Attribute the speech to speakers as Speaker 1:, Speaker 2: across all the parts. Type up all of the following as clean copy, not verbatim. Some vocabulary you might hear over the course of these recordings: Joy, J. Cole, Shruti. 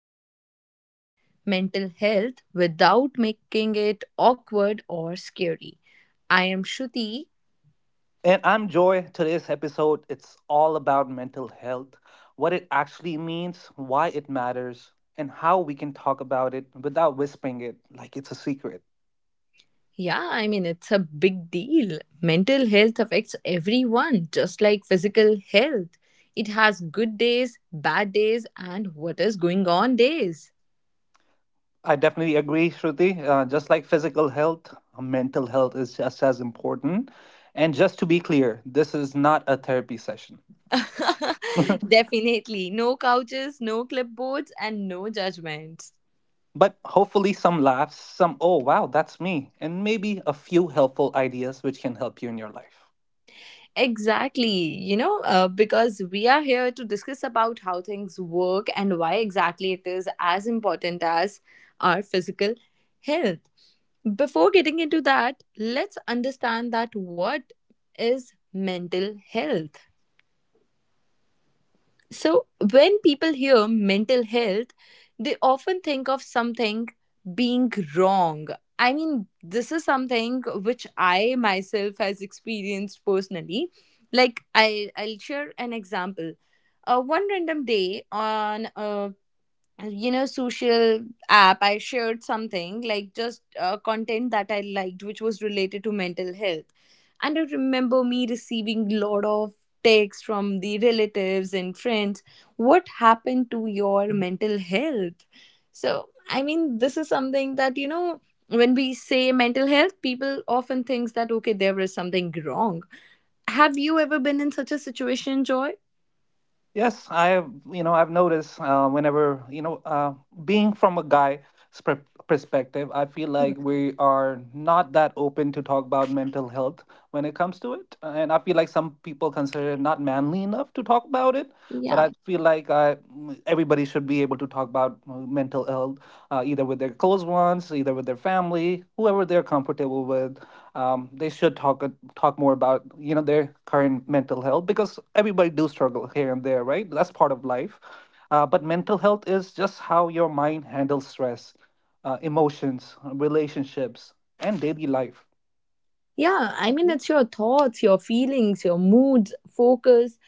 Speaker 1: to talk about mental health without making it awkward or scary. I am Shruti.
Speaker 2: And I'm Joy. Today's episode, it's all about mental health, what it actually means, why it matters, and how we can talk about it without whispering it like it's a secret.
Speaker 1: Yeah, I mean, it's a big deal. Mental health affects everyone, just like physical health. It has good days, bad days, and what is going on days.
Speaker 2: I definitely agree, Shruti. Just like physical health, mental health is just as important. And just to be clear, this is not a therapy session.
Speaker 1: Definitely. No couches, no clipboards, and no judgments.
Speaker 2: But hopefully, some laughs, some, oh, wow, that's me, and maybe a few helpful ideas which can help you in your life.
Speaker 1: Exactly, because we are here to discuss about how things work and why exactly it is as important as our physical health. Before getting into that, let's understand that what is mental health. So, when people hear mental health, they often think of something being wrong. I mean, this is something which I myself has experienced personally. Like I'll share an example. One random day on a social app, I shared something like just content that I liked, which was related to mental health, and I remember me receiving lot of texts from the relatives and friends, what happened to your mental health? So I mean, this is something that, when we say mental health, people often thinks that okay, there is something wrong. Have you ever been in such a situation, Joy?
Speaker 2: Yes, I have, I've noticed whenever, being from a guy's per perspective, I feel like we are not that open to talk about mental health when it comes to it. And I feel like some people consider it not manly enough to talk about it. But
Speaker 1: Yeah.
Speaker 2: I feel like everybody should be able to talk about mental health, either with their close ones, either with their family, whoever they're comfortable with, they should talk more about their current mental health, because everybody do struggle here and there, right? That's part of life. But mental health is just how your mind handles stress, emotions, relationships, and daily life.
Speaker 1: Yeah, I mean, it's your thoughts, your feelings, your moods, focus,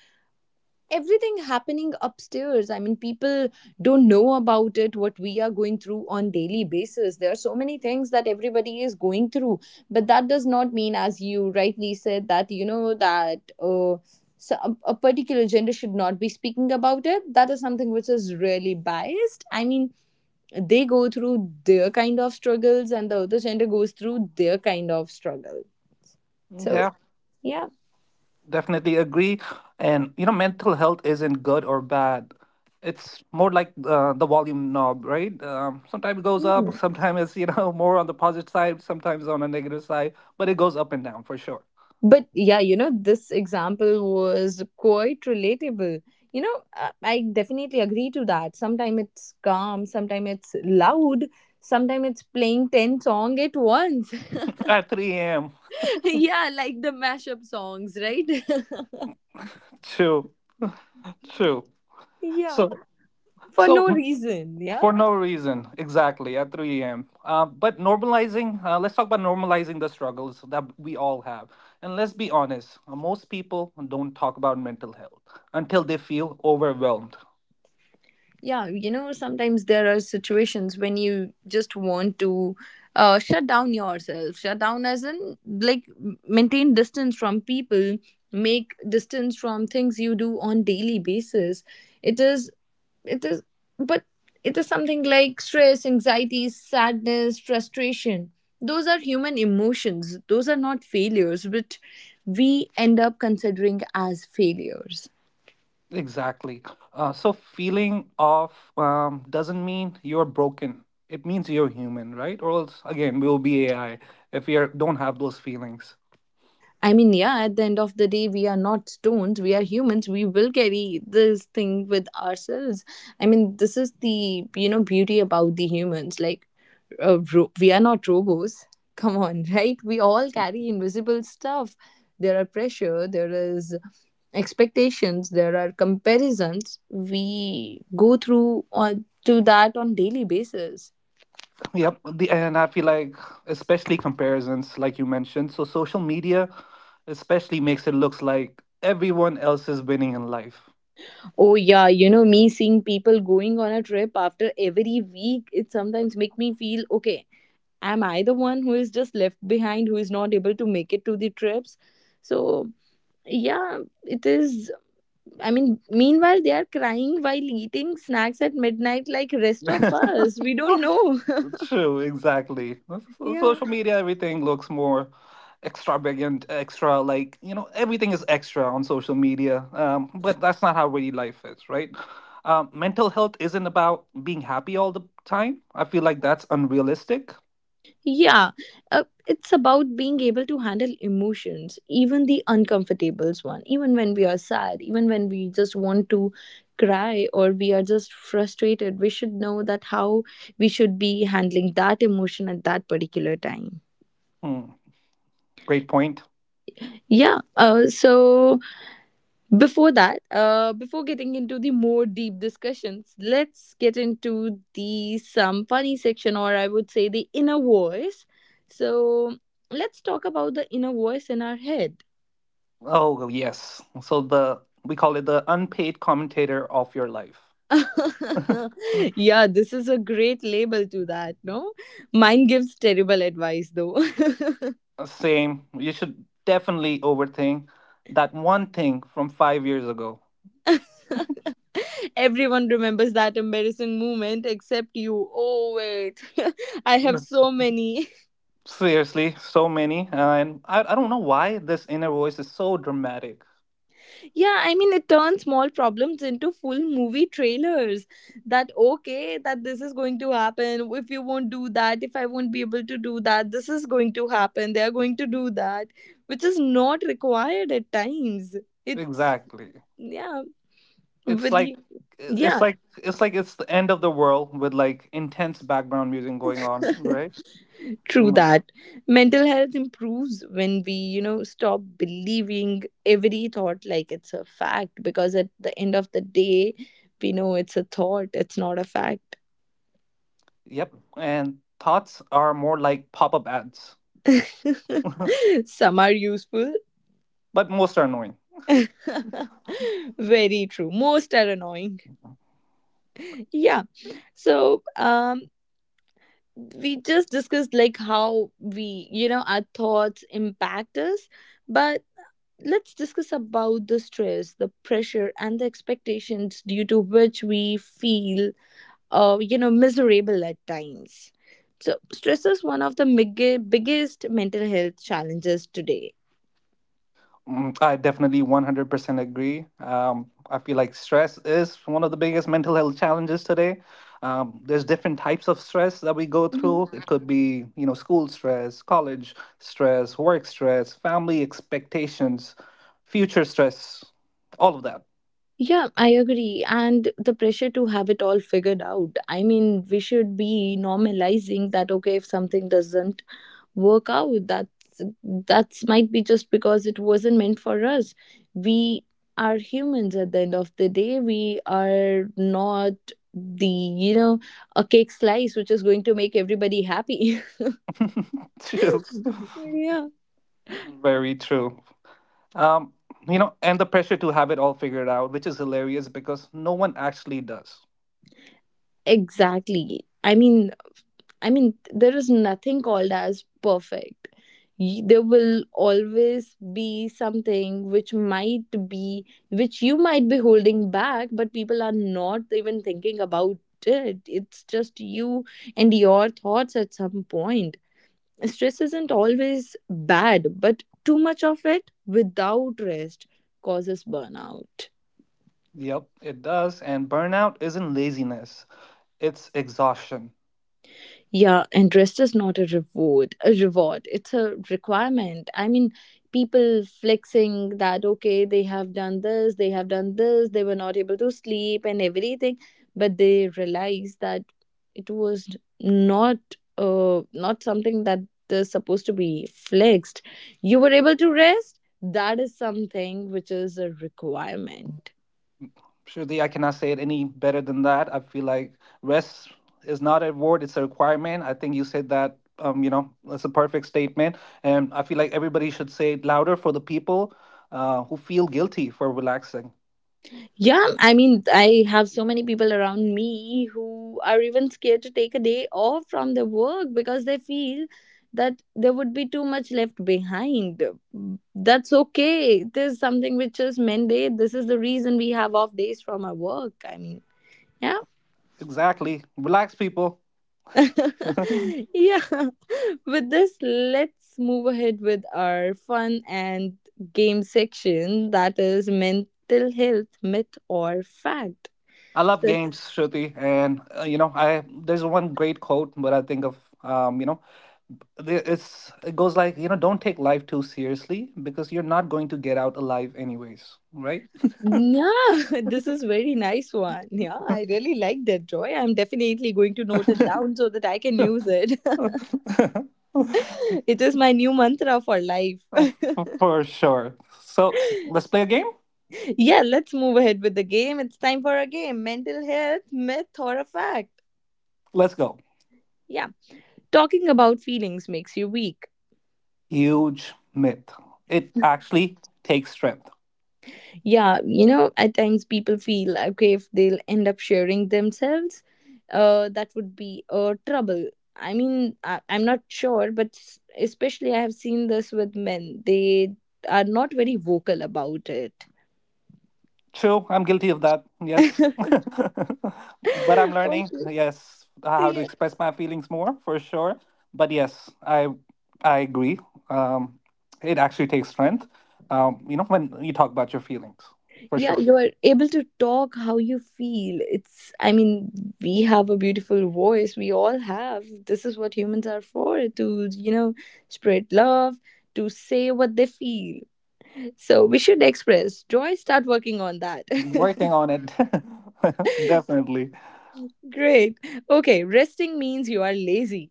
Speaker 1: everything happening upstairs. I mean, people don't know about it, what we are going through on daily basis. There are so many things that everybody is going through, but that does not mean, as you rightly said, that, so a particular gender should not be speaking about it. That is something which is really biased. I mean, they go through their kind of struggles and the other gender goes through their kind of struggle. So,
Speaker 2: Yeah,
Speaker 1: yeah.
Speaker 2: definitely agree. And you know, mental health isn't good or bad. It's more like the volume knob, right? Sometimes it goes up,
Speaker 1: Mm.
Speaker 2: sometimes it's more on the positive side, sometimes on the negative side, but it goes up and down for sure
Speaker 1: But yeah, this example was quite relatable. I definitely agree to that. Sometimes it's calm, sometimes it's loud, sometimes it's playing 10 song at once.
Speaker 2: at 3 a.m.
Speaker 1: Yeah, like the mashup songs, right?
Speaker 2: True, true.
Speaker 1: Yeah,
Speaker 2: So,
Speaker 1: for
Speaker 2: so
Speaker 1: no reason. Yeah.
Speaker 2: for no reason, exactly at 3 a.m. But normalizing, let's talk about normalizing the struggles that we all have. And let's be honest, most people don't talk about mental health until they feel overwhelmed.
Speaker 1: Yeah, sometimes there are situations when you just want to shut down yourself. Shut down as in, like, maintain distance from people, make distance from things you do on daily basis. It is, it is, but it is something like stress, anxiety, sadness, frustration. Those are human emotions. Those are not failures, but we end up considering as failures.
Speaker 2: Exactly. So, feeling off doesn't mean you're broken. It means you're human, right? Or else, again, we'll be AI if we are, don't have those feelings.
Speaker 1: I mean, yeah, at the end of the day, we are not stones. We are humans. We will carry this thing with ourselves. I mean, this is the beauty about the humans. Like, we are not robots. Come on, right? We all carry invisible stuff. There are pressure, there is expectations, there are comparisons. We go through on to that on daily basis.
Speaker 2: And I feel like especially comparisons, like you mentioned. So social media especially makes it looks like everyone else is winning in life.
Speaker 1: Oh yeah, me seeing people going on a trip after every week, it sometimes make me feel okay. Am I the one who is just left behind, who is not able to make it to the trips? So yeah, it is. I mean, meanwhile they are crying while eating snacks at midnight, like rest of us. We don't know.
Speaker 2: True, exactly.
Speaker 1: Yeah.
Speaker 2: Social media, everything looks more extra, like you know everything is extra on social media. But that's not how really life is, right? Mental health isn't about being happy all the time. I feel like that's unrealistic.
Speaker 1: Yeah, it's about being able to handle emotions, even the uncomfortables one, even when we are sad, even when we just want to cry or we are just frustrated. We should know that how we should be handling that emotion at that particular time.
Speaker 2: Hmm, great point.
Speaker 1: Yeah, Before getting into the more deep discussions, let's get into the some funny section, or I would say the inner voice. So let's talk about the inner voice in our head.
Speaker 2: Oh, yes. So the We call it the unpaid commentator of your life.
Speaker 1: Yeah, this is a great label to that, no? Mine gives terrible advice though.
Speaker 2: Same. You should definitely overthink that one thing from 5 years ago.
Speaker 1: Everyone remembers that embarrassing moment except you. Oh, wait. I have
Speaker 2: But
Speaker 1: so many.
Speaker 2: seriously, so many. And I don't know why this inner voice is so dramatic.
Speaker 1: Yeah, I mean, it turns small problems into full movie trailers. That, okay, that this is going to happen. If you won't do that, if I won't be able to do that, this is going to happen. They are going to do that, which is not required at times. It's,
Speaker 2: Exactly.
Speaker 1: yeah,
Speaker 2: It's
Speaker 1: with
Speaker 2: like
Speaker 1: you.
Speaker 2: it's
Speaker 1: Yeah,
Speaker 2: like it's like it's the end of the world with like intense background music going on, right?
Speaker 1: true
Speaker 2: Mm,
Speaker 1: that. Mental health improves when we stop believing every thought like it's a fact, because at the end of the day, we know it's a thought, it's not a fact.
Speaker 2: yep. And thoughts are more like pop-up ads,
Speaker 1: Some are useful.
Speaker 2: but most are annoying.
Speaker 1: Very true. Most are annoying. Yeah. So, we just discussed like how our thoughts impact us, but let's discuss about the stress, the pressure, and the expectations due to which we feel miserable at times. So, stress is one of the biggest mental health challenges today.
Speaker 2: Mm, I definitely 100% agree. I feel like stress is one of the biggest mental health challenges today. There's different types of stress that we go through. It could be, you know, school stress, college stress, work stress, family expectations, future stress, all of that.
Speaker 1: Yeah, I agree. And the pressure to have it all figured out. I mean, we should be normalizing that okay, if something doesn't work out, that's might be just because it wasn't meant for us. We are humans at the end of the day. We are not the, you know, a cake slice which is going to make everybody happy.
Speaker 2: True.
Speaker 1: Yeah.
Speaker 2: Very true. Um, you know, and the pressure to have it all figured out, which is hilarious because no one actually does.
Speaker 1: Exactly. I mean, there is nothing called as perfect. There will always be something which might be, which you might be holding back, but people are not even thinking about it. It's just you and your thoughts at some point. Stress isn't always bad, but too much of it without rest causes burnout.
Speaker 2: Yep, it does. And burnout isn't laziness, it's exhaustion.
Speaker 1: Yeah, interest is not a reward, a reward. It's a requirement. I mean, people flexing that okay, they have done this, they have done this, they were not able to sleep and everything, but they realize that it was not something that is supposed to be flexed. You were able to rest. That is something which is a requirement.
Speaker 2: Surely I cannot say it any better than that. I feel like rest is not a reward, it's a requirement. I think you said that, you know, that's a perfect statement. And I feel like everybody should say it louder for the people who feel guilty for relaxing.
Speaker 1: Yeah, I mean, I have so many people around me who are even scared to take a day off from their work because they feel that there would be too much left behind. That's okay. It is something which is mandate. This is the reason we have off days from our work. I mean, yeah.
Speaker 2: Exactly. Relax, people.
Speaker 1: Yeah. With this, let's move ahead with our fun and game section, that is mental health myth or fact.
Speaker 2: I love games,
Speaker 1: Let's.
Speaker 2: Shruti, and you know, I there's one great quote, but I think of you know, it's, it goes like, you know, don't take life too seriously because you're not going to get out alive anyways, right?
Speaker 1: Yeah, this is very nice one. Yeah, I really like that, Joy. I'm definitely going to note it down so that I can use it. It is my new mantra for life.
Speaker 2: Oh, for sure, so let's play a game.
Speaker 1: Yeah, let's move ahead with the game. It's time for a game. Mental health, myth or a fact.
Speaker 2: Let's go.
Speaker 1: Yeah. Talking about feelings makes you weak.
Speaker 2: Huge myth, it actually takes strength.
Speaker 1: Yeah, at times people feel like if they'll end up sharing themselves, that would be trouble. I mean, I'm not sure, but especially I have seen this with men. They are not very vocal about it.
Speaker 2: True, I'm guilty of that. Yes.
Speaker 1: Okay.
Speaker 2: But I'm learning, yes, how to
Speaker 1: Yeah.
Speaker 2: express my feelings more for sure. But yes, I agree. Um, it actually takes strength. You know, when you talk about your feelings, for
Speaker 1: Yeah,
Speaker 2: sure.
Speaker 1: you are able to talk how you feel. I mean, we have a beautiful voice. We all have. This is what humans are for, to spread love, to say what they feel. So we should express joy, start working on that.
Speaker 2: Working on it. Definitely.
Speaker 1: Great. Okay, resting means you are lazy.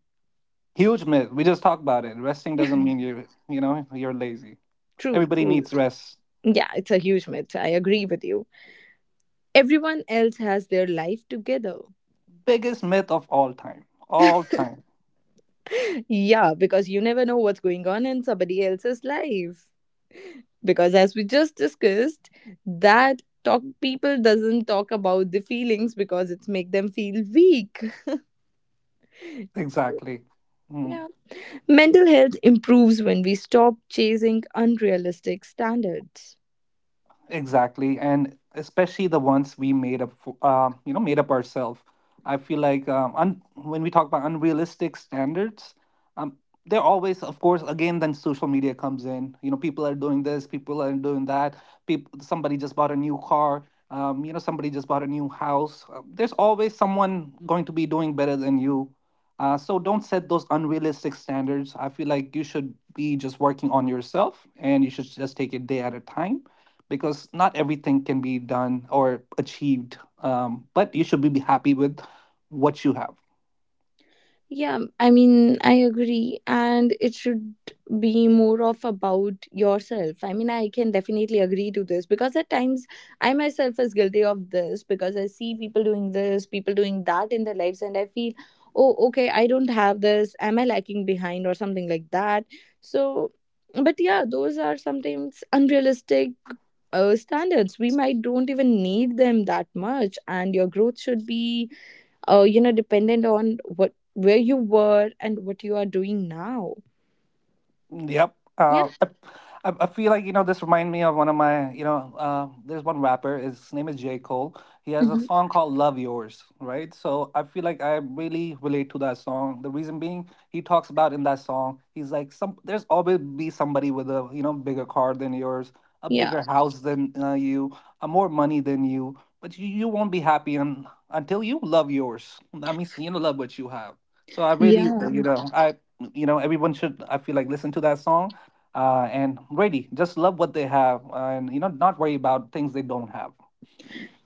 Speaker 2: Huge myth. We just talked about it. Resting doesn't mean you're, you know, you're lazy.
Speaker 1: True,
Speaker 2: Everybody
Speaker 1: true.
Speaker 2: needs rest.
Speaker 1: Yeah, it's a huge myth. I agree with you. Everyone else has their life together.
Speaker 2: Biggest myth of all time. All time.
Speaker 1: Yeah, because you never know what's going on in somebody else's life. Because as we just discussed, that talk people doesn't talk about the feelings because it's make them feel weak.
Speaker 2: Exactly. Mm,
Speaker 1: Yeah. Mental health improves when we stop chasing unrealistic standards.
Speaker 2: exactly. And especially the ones we made up, you know, made up ourselves. I feel like when we talk about unrealistic standards, um, they're always, of course, again, then social media comes in, you know, people are doing this, people are doing that, people, somebody just bought a new car, you know, somebody just bought a new house. There's always someone going to be doing better than you, so don't set those unrealistic standards. I feel like you should be just working on yourself and you should just take it day at a time, because not everything can be done or achieved. But you should be happy with what you have.
Speaker 1: Yeah, I mean, I agree. And it should be more of about yourself. I mean, I can definitely agree to this because at times I myself is guilty of this because I see people doing this, people doing that in their lives, and I feel, oh, okay, I don't have this. Am I lacking behind or something like that? So, but yeah, those are sometimes unrealistic standards. We might don't even need them that much, and your growth should be dependent on what where you were and what you are doing now.
Speaker 2: Yep.
Speaker 1: Yeah.
Speaker 2: I feel like, you know, this remind me of one of my, you know, there's one rapper, his name is J. Cole. He has a
Speaker 1: Mhm.
Speaker 2: song called Love Yours, right? So I feel like I really relate to that song. The reason being, he talks about in that song, he's like, some there's always be somebody with a, you know, bigger car than yours, a
Speaker 1: Yeah,
Speaker 2: bigger house than you, a more money than you, but you won't be happy until you love yours. I mean, you know, love what you have. So I really,
Speaker 1: yeah,
Speaker 2: you know, I, you know, everyone should, I feel like, listen to that song, and really just love what they have and you know not worry about things they don't have.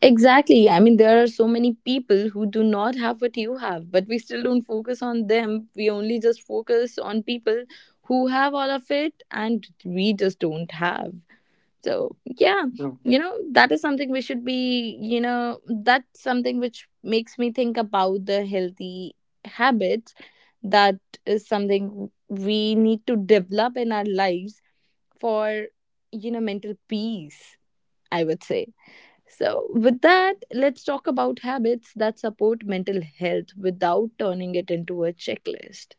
Speaker 1: exactly, I mean there are so many people who do not have what you have, but we still don't focus on them, we only just focus on people who have all of it and we just don't have. So yeah,
Speaker 2: So,
Speaker 1: that is something we should be, you know, that's something which makes me think about the healthy habits, that is something we need to develop in our lives for, you know, mental peace, I would say. So with that, let's talk about habits that support mental health without turning it into a checklist.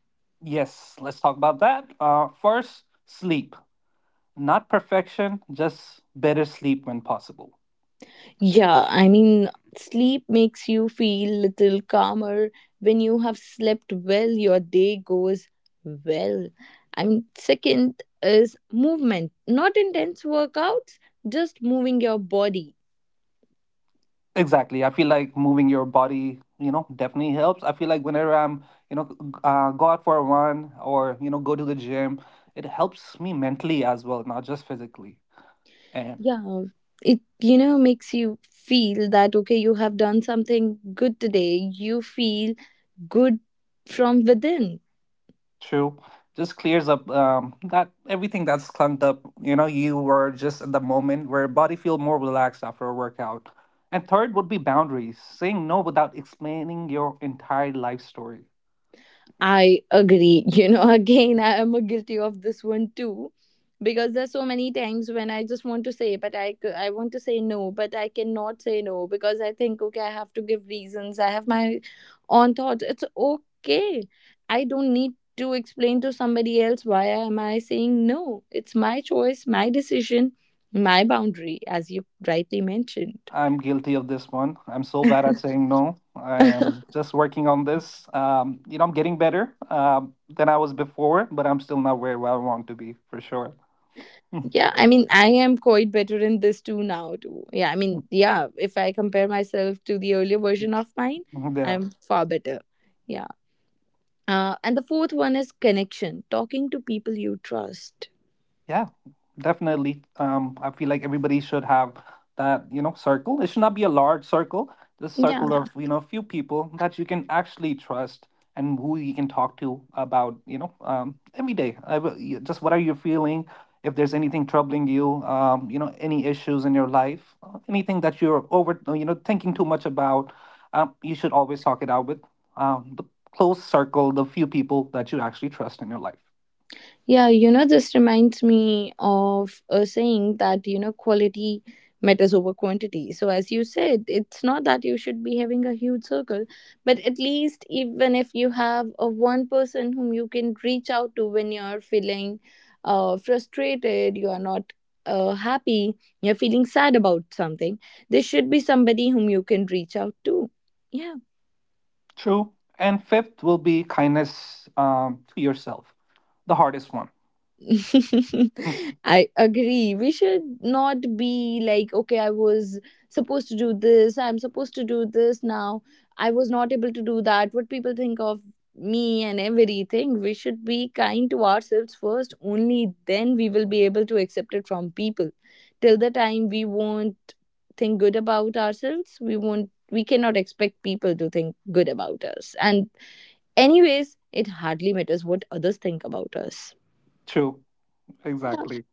Speaker 2: yes, let's talk about that. First, sleep, not perfection, just better sleep when possible.
Speaker 1: Yeah, I mean, sleep makes you feel little calmer. When you have slept well, your day goes well. I mean, second is movement, not intense workouts, just moving your body.
Speaker 2: Exactly, I feel like moving your body, you know, definitely helps. I feel like whenever I'm, you know, go out for a run or you know go to the gym, it helps me mentally as well, not just physically. And.
Speaker 1: Yeah, it makes you feel that okay, you have done something good today. You feel good from within.
Speaker 2: True. Just clears up that everything that's clunked up. You know, you were just at the moment where body feel more relaxed after a workout. And third would be boundaries, saying no without explaining your entire life story.
Speaker 1: I agree. Again, I am guilty of this one too, because there's so many times when I just want to say, but I want to say no, but I cannot say no because I think okay, I have to give reasons. I have my own thoughts. It's okay. I don't need to explain to somebody else why am I saying no. It's my choice, my decision, my boundary, as you rightly mentioned.
Speaker 2: I'm guilty of this one. I'm so bad at saying no. I am just working on this. You know, I'm getting better than I was before, but I'm still not where I want to be for sure.
Speaker 1: Yeah, I mean, I am quite better in this too now too. Yeah, I mean, yeah, if I compare myself to the earlier version of mine,
Speaker 2: Yeah.
Speaker 1: I'm far better. Yeah. And the fourth one is connection, talking to people you trust.
Speaker 2: Yeah, definitely. I feel like everybody should have that, you know, circle. It should not be a large circle, just
Speaker 1: Yeah,
Speaker 2: circle of, you know, a few people that you can actually trust, and who you can talk to about, you know, every day. Just, what are you feeling? If there's anything troubling you, you know, any issues in your life, anything that you're over, you know, thinking too much about, you should always talk it out with the close circle, the few people that you actually trust in your life.
Speaker 1: yeah, you know, this reminds me of a saying that, you know, quality matters over quantity. So, as you said, it's not that you should be having a huge circle, but at least even if you have a one person whom you can reach out to when you're feeling frustrated, you are not happy, you're feeling sad about something, there should be somebody whom you can reach out to. Yeah.
Speaker 2: True. And fifth will be kindness to yourself, the hardest one. Hmm.
Speaker 1: I agree. We should not be like, okay, I was supposed to do this, I'm supposed to do this now, I was not able to do that, what people think of me and everything. We should be kind to ourselves first, only then we will be able to accept it from people. Till the time we won't think good about ourselves, we cannot expect people to think good about us. And anyways, it hardly matters what others think about us.
Speaker 2: True. Exactly.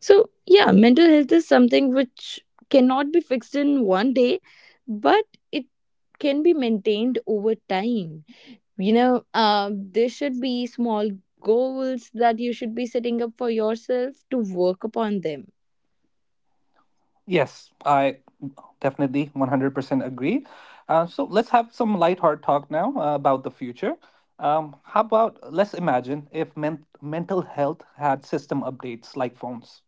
Speaker 1: So, yeah, mental health is something which cannot be fixed in one day, but it can be maintained over time. You know, there should be small goals that you should be setting up for yourself to work upon them.
Speaker 2: Yes, I definitely 100% agree. So let's have some lighthearted talk now about the future. How about, let's imagine if mental health had system updates like phones?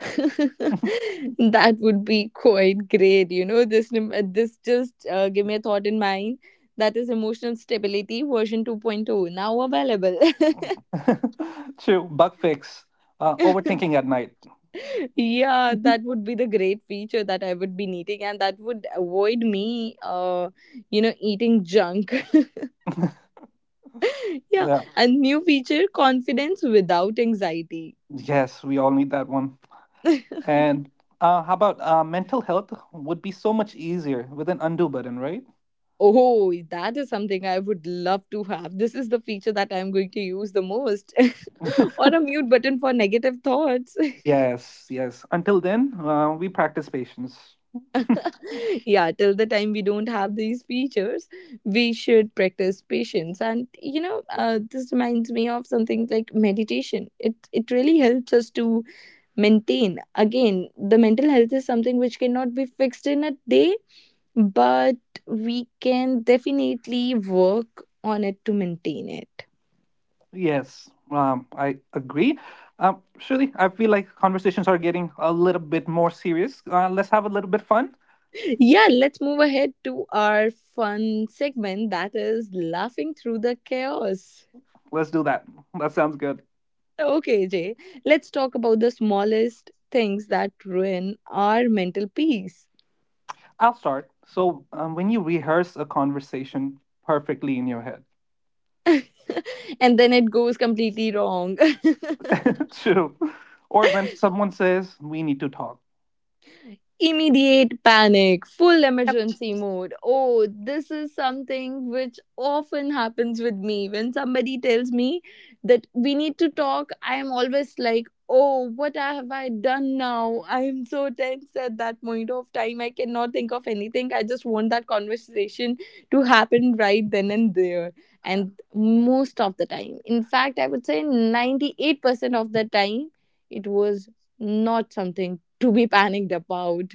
Speaker 1: That would be quite great. You know, this just give me a thought in mind. That is emotional stability version 2.0 point oh now available.
Speaker 2: True. Bug fix. Overthinking at night.
Speaker 1: Yeah, that would be the great feature that I would be needing, and that would avoid me, eating junk. Yeah,
Speaker 2: Yeah.
Speaker 1: and new feature confidence without anxiety.
Speaker 2: Yes, we all need that one. And how about mental health would be so much easier with an undo button, right?
Speaker 1: Oh, that is something I would love to have. This is the feature that I'm going to use the most, or a mute button for negative thoughts.
Speaker 2: Yes, yes. Until then, we practice patience.
Speaker 1: Yeah, till the time we don't have these features, we should practice patience, and this reminds me of something like meditation. It really helps us to maintain, again, the mental health is something which cannot be fixed in a day, but we can definitely work on it to maintain it.
Speaker 2: Yes, I agree. Shirley, I feel like conversations are getting a little bit more serious. Let's have a little bit fun.
Speaker 1: Yeah, let's move ahead to our fun segment, that is laughing through the chaos.
Speaker 2: Let's do that. That sounds good.
Speaker 1: Okay, Jay, let's talk about the smallest things that ruin our mental peace.
Speaker 2: I'll start. So, when you rehearse a conversation perfectly in your head,
Speaker 1: And then it goes completely wrong.
Speaker 2: true, or when someone says, "We need to talk."
Speaker 1: Immediate panic, full emergency mode. Oh, this is something which often happens with me. When somebody tells me that we need to talk, I am always like, oh, what have I done now? I am so tense at that point of time. I cannot think of anything. I just want that conversation to happen right then and there. And most of the time, in fact, I would say 98% of the time, it was not something to be panicked about.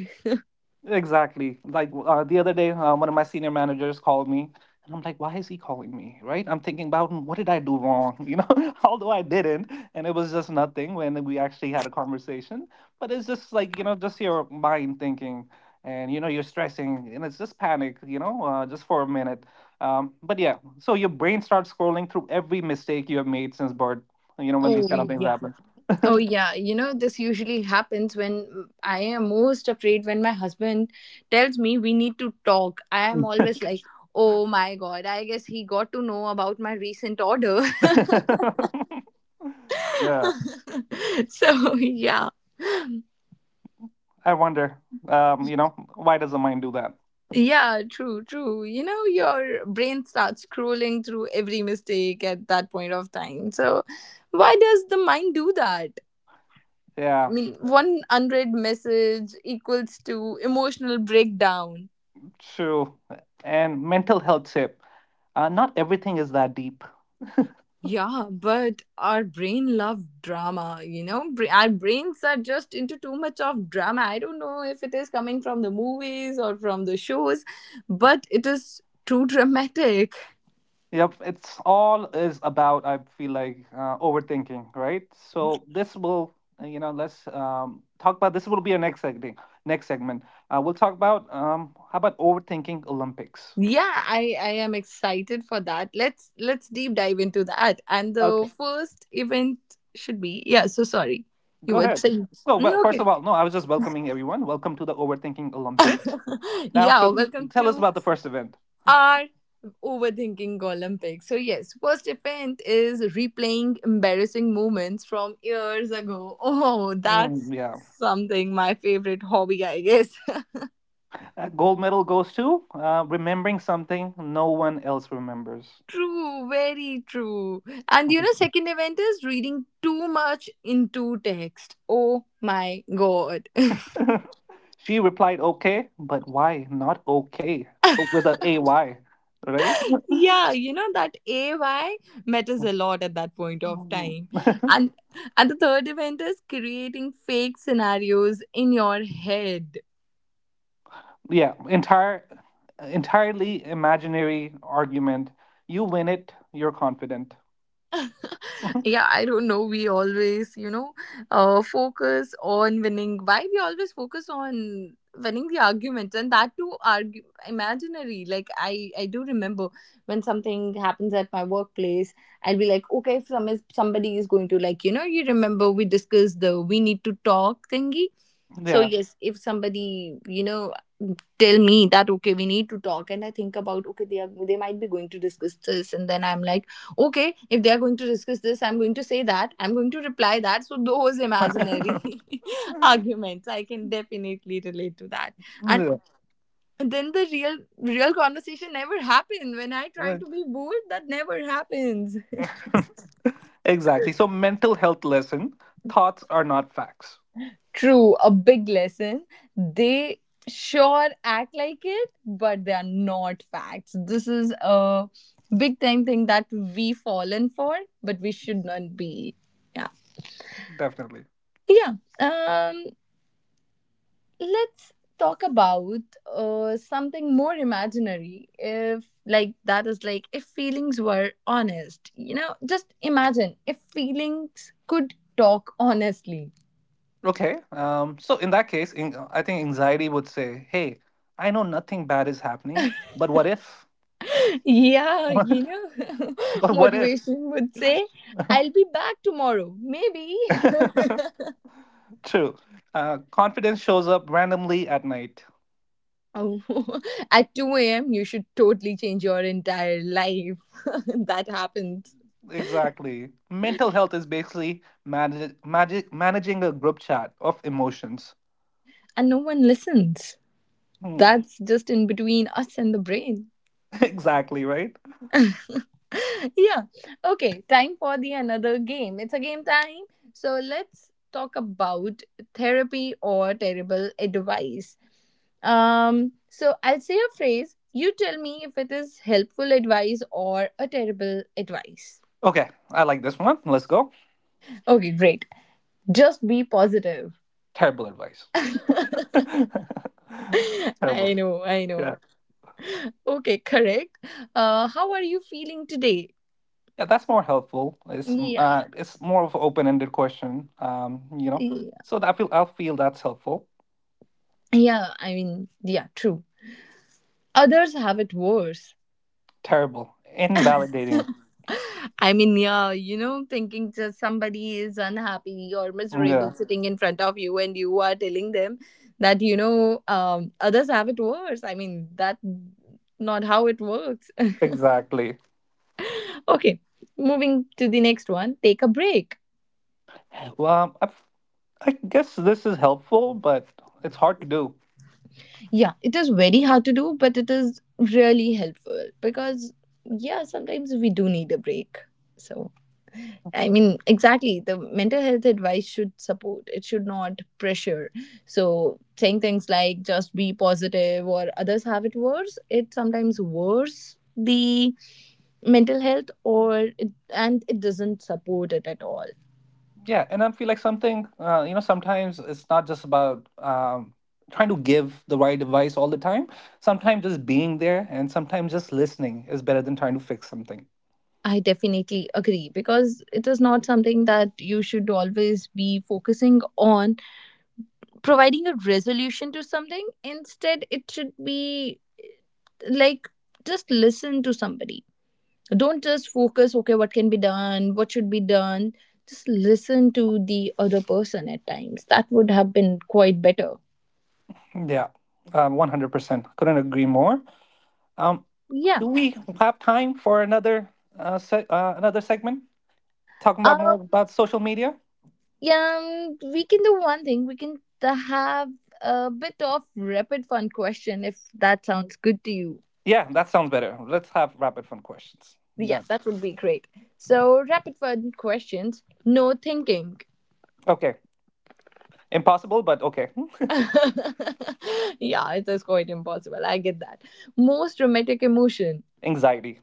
Speaker 2: Exactly. Like the other day, one of my senior managers called me, and I'm like, "Why is he calling me?" Right? I'm thinking about, "Hmm, what did I do wrong, you know?" Although I didn't, and it was just nothing when we actually had a conversation. But it's just like, you know, just your mind thinking, and you know, you're stressing, and it's just panic, you know, just for a minute. But yeah, so your brain starts scrolling through every mistake you have made since birth. You know, when these
Speaker 1: Oh,
Speaker 2: kind of things
Speaker 1: yeah.
Speaker 2: happen.
Speaker 1: Oh, yeah. You know, this usually happens when I am most afraid when my husband tells me we need to talk. I am always like, oh my God, I guess he got to know about my recent order.
Speaker 2: Yeah.
Speaker 1: So, yeah.
Speaker 2: I wonder, you know, why does the mind do that?
Speaker 1: Yeah, true, true. You know, your brain starts scrolling through every mistake at that point of time. So, why does the mind do that? I
Speaker 2: Yeah,
Speaker 1: mean, one unread message equals to emotional breakdown.
Speaker 2: true. And mental health tip, not everything is that deep.
Speaker 1: Yeah, but our brain love drama, you know? Our brains are just into too much of drama. I don't know if it is coming from the movies or from the shows, but it is too dramatic.
Speaker 2: Yep, it's all is about, I feel like, overthinking, right? So this will, you know, let's talk about, this will be our next segment. Next segment, we'll talk about, how about overthinking Olympics.
Speaker 1: Yeah, I am excited for that. Let's deep dive into that. And
Speaker 2: Okay,
Speaker 1: the first event should be yeah, so sorry. You
Speaker 2: go
Speaker 1: were
Speaker 2: ahead.
Speaker 1: saying.
Speaker 2: So, well,
Speaker 1: Mm,
Speaker 2: first
Speaker 1: okay.
Speaker 2: of all, no, I was just welcoming everyone. Welcome to the Overthinking Olympics. Now,
Speaker 1: Yeah,
Speaker 2: should we
Speaker 1: welcome
Speaker 2: tell us
Speaker 1: to
Speaker 2: about the first event?
Speaker 1: are overthinking Olympics. So yes, worst event is replaying embarrassing moments from years ago. Oh, that's
Speaker 2: Mm, yeah.
Speaker 1: something my favorite hobby, I guess.
Speaker 2: That gold medal goes to remembering something no one else remembers.
Speaker 1: True, very true. And you know, second event is reading too much into text. Oh my god.
Speaker 2: She replied, okay, but why not okay? Oh, with a AY, right?
Speaker 1: Yeah, you know that AY matters a lot at that point of
Speaker 2: Mm.
Speaker 1: time. And and the third event is creating fake scenarios in your head.
Speaker 2: Yeah, entirely imaginary argument. You win it, you're confident.
Speaker 1: Yeah, I don't know, we always focus on winning, why we always focus on winning the arguments, and that too argue imaginary. Like, I do remember, when something happens at my workplace, I'll be like okay, if somebody is going to, like, you remember we discussed the we need to talk thingy. So
Speaker 2: Yeah.
Speaker 1: yes, if somebody, you know, tell me that okay, we need to talk, and I think about okay, they might be going to discuss this, and then I'm like okay, if they are going to discuss this, I'm going to say that, I'm going to reply that. So those imaginary arguments I can definitely relate to that. And
Speaker 2: Yeah,
Speaker 1: then the real conversation never happen when I try to
Speaker 2: right.
Speaker 1: be bold, that never happens.
Speaker 2: Exactly. So, mental health lesson, thoughts are not facts.
Speaker 1: True, a big lesson. They sure act like it, but they are not facts. This is a big time thing that we fallen for, but we should not be. Yeah.
Speaker 2: Definitely.
Speaker 1: Yeah. Um let's talk about something more imaginary, if, like, that is like if feelings were honest. You know, just imagine if feelings could talk honestly.
Speaker 2: Okay. So, in that case, I think anxiety would say, hey, I know nothing bad is happening, but what if?
Speaker 1: Yeah,
Speaker 2: But
Speaker 1: you know,
Speaker 2: what if?
Speaker 1: motivation would say, I'll be back tomorrow, maybe.
Speaker 2: True. Confidence shows up randomly at night.
Speaker 1: Oh, at 2 a.m., you should totally change your entire life. That happens.
Speaker 2: Exactly. Mental health is basically managing a group chat of emotions.
Speaker 1: And no one listens.
Speaker 2: Hmm.
Speaker 1: That's just in between us and the brain.
Speaker 2: Exactly, right?
Speaker 1: Yeah. Okay. Time for the another game. It's a game time. So let's talk about therapy or terrible advice. So I'll say a phrase. You tell me if it is helpful advice or a terrible advice.
Speaker 2: Okay, I like this one. Let's go.
Speaker 1: Okay. Great. Just be positive.
Speaker 2: Terrible advice.
Speaker 1: I
Speaker 2: Terrible.
Speaker 1: know. I
Speaker 2: Yeah.
Speaker 1: know. Okay. Correct. How are you feeling today?
Speaker 2: Yeah, that's more helpful.
Speaker 1: Yeah.
Speaker 2: It's more of an open-ended question. You know,
Speaker 1: Yeah.
Speaker 2: so that I feel that's helpful.
Speaker 1: Yeah. I mean. Yeah. True. Others have it worse.
Speaker 2: Terrible, invalidating.
Speaker 1: I mean, yeah, thinking just somebody is unhappy or
Speaker 2: Yeah,
Speaker 1: miserable sitting in front of you, and you are telling them that others have it worse. I mean, that not how it works.
Speaker 2: exactly.
Speaker 1: Okay, moving to the next one. Take a break.
Speaker 2: Well, I, I guess this is helpful, but it's hard to do.
Speaker 1: Yeah, it is very hard to do, but it is really helpful because yeah, sometimes we do need a break. So I mean, exactly. The mental health advice should support, it should not pressure. So, saying things like just be positive or others have it worse, it sometimes worse the mental health or it, and it doesn't support it at all.
Speaker 2: Yeah, and I feel like something, you know, sometimes it's not just about trying to give the right advice all the time. Sometimes just being there and sometimes just listening is better than trying to fix something.
Speaker 1: I definitely agree, because it is not something that you should always be focusing on providing a resolution to something. Instead, it should be like, just listen to somebody, don't just focus okay what can be done, what should be done, just listen to the other person at times, that would have been quite better.
Speaker 2: Yeah, 100%. Couldn't agree more. Um,
Speaker 1: Yeah,
Speaker 2: do we have time for another another segment talking about more
Speaker 1: um
Speaker 2: about social media?
Speaker 1: yeah we can do one thing, we can have a bit of rapid fun question, if that sounds good to you.
Speaker 2: Yeah, that sounds better. Let's have rapid fun questions.
Speaker 1: Yeah,
Speaker 2: Done.
Speaker 1: that would be great. So rapid fun questions, no thinking.
Speaker 2: Okay. Impossible, but okay.
Speaker 1: Yeah, it is quite impossible, I get that. Most dramatic emotion.
Speaker 2: Anxiety.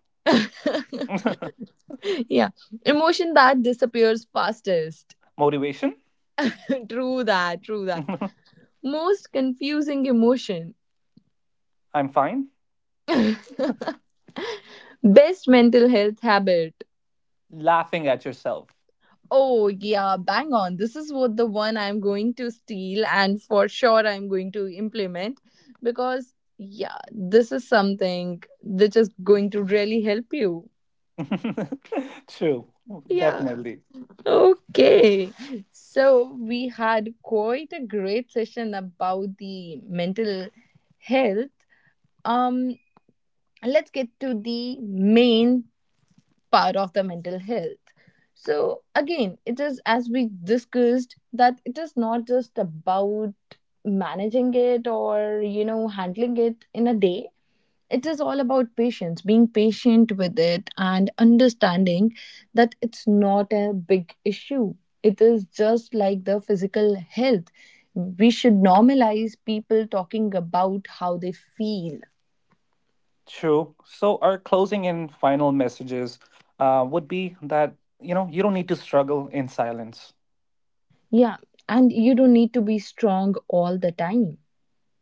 Speaker 1: Yeah. Emotion that disappears fastest.
Speaker 2: Motivation.
Speaker 1: True that, true that. Most confusing emotion.
Speaker 2: I'm fine.
Speaker 1: Best mental health habit.
Speaker 2: Laughing at yourself.
Speaker 1: Oh, yeah, bang on. This is what the one I'm going to steal, and for sure I'm going to implement, because, yeah, this is something that is going to really help you.
Speaker 2: True,
Speaker 1: Yeah.
Speaker 2: definitely.
Speaker 1: Okay. So we had quite a great session about the mental health. Um And let's get to the main part of the mental health. So again, it is, as we discussed, that it is not just about managing it or handling it in a day, it is all about patience, being patient with it, and understanding that it's not a big issue, it is just like the physical health, we should normalize people talking about how they feel.
Speaker 2: True. So, our closing and final messages would be that, you know, you don't need to struggle in silence.
Speaker 1: Yeah, and you don't need to be strong all the time.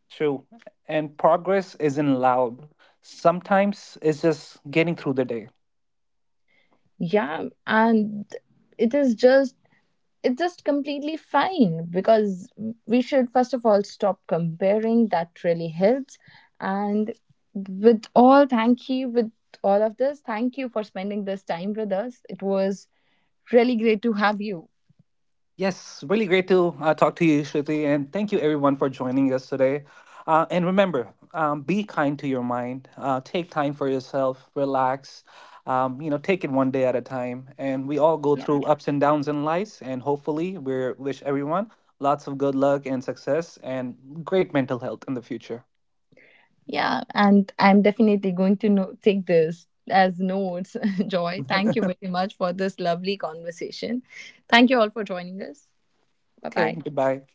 Speaker 2: True. And progress isn't loud. Sometimes it's just getting through the day.
Speaker 1: Yeah, and it is just it's just completely fine because we should first of all stop comparing. That really helps. And thank you with all of this. Thank you for spending this time with us. It was really great to have you.
Speaker 2: Yes, really great to talk to you, Shruti, and thank you everyone for joining us today. And remember, be kind to your mind. Take time for yourself. Relax. You know, take it one day at a time. And we all go
Speaker 1: Yeah.
Speaker 2: through ups and downs in life. And hopefully, we wish everyone lots of good luck and success and great mental health in the future.
Speaker 1: Yeah, and I'm definitely going to take this as notes, Joy. Thank you very much for this lovely conversation. Thank you all for joining us. Bye
Speaker 2: Okay,
Speaker 1: bye.
Speaker 2: goodbye.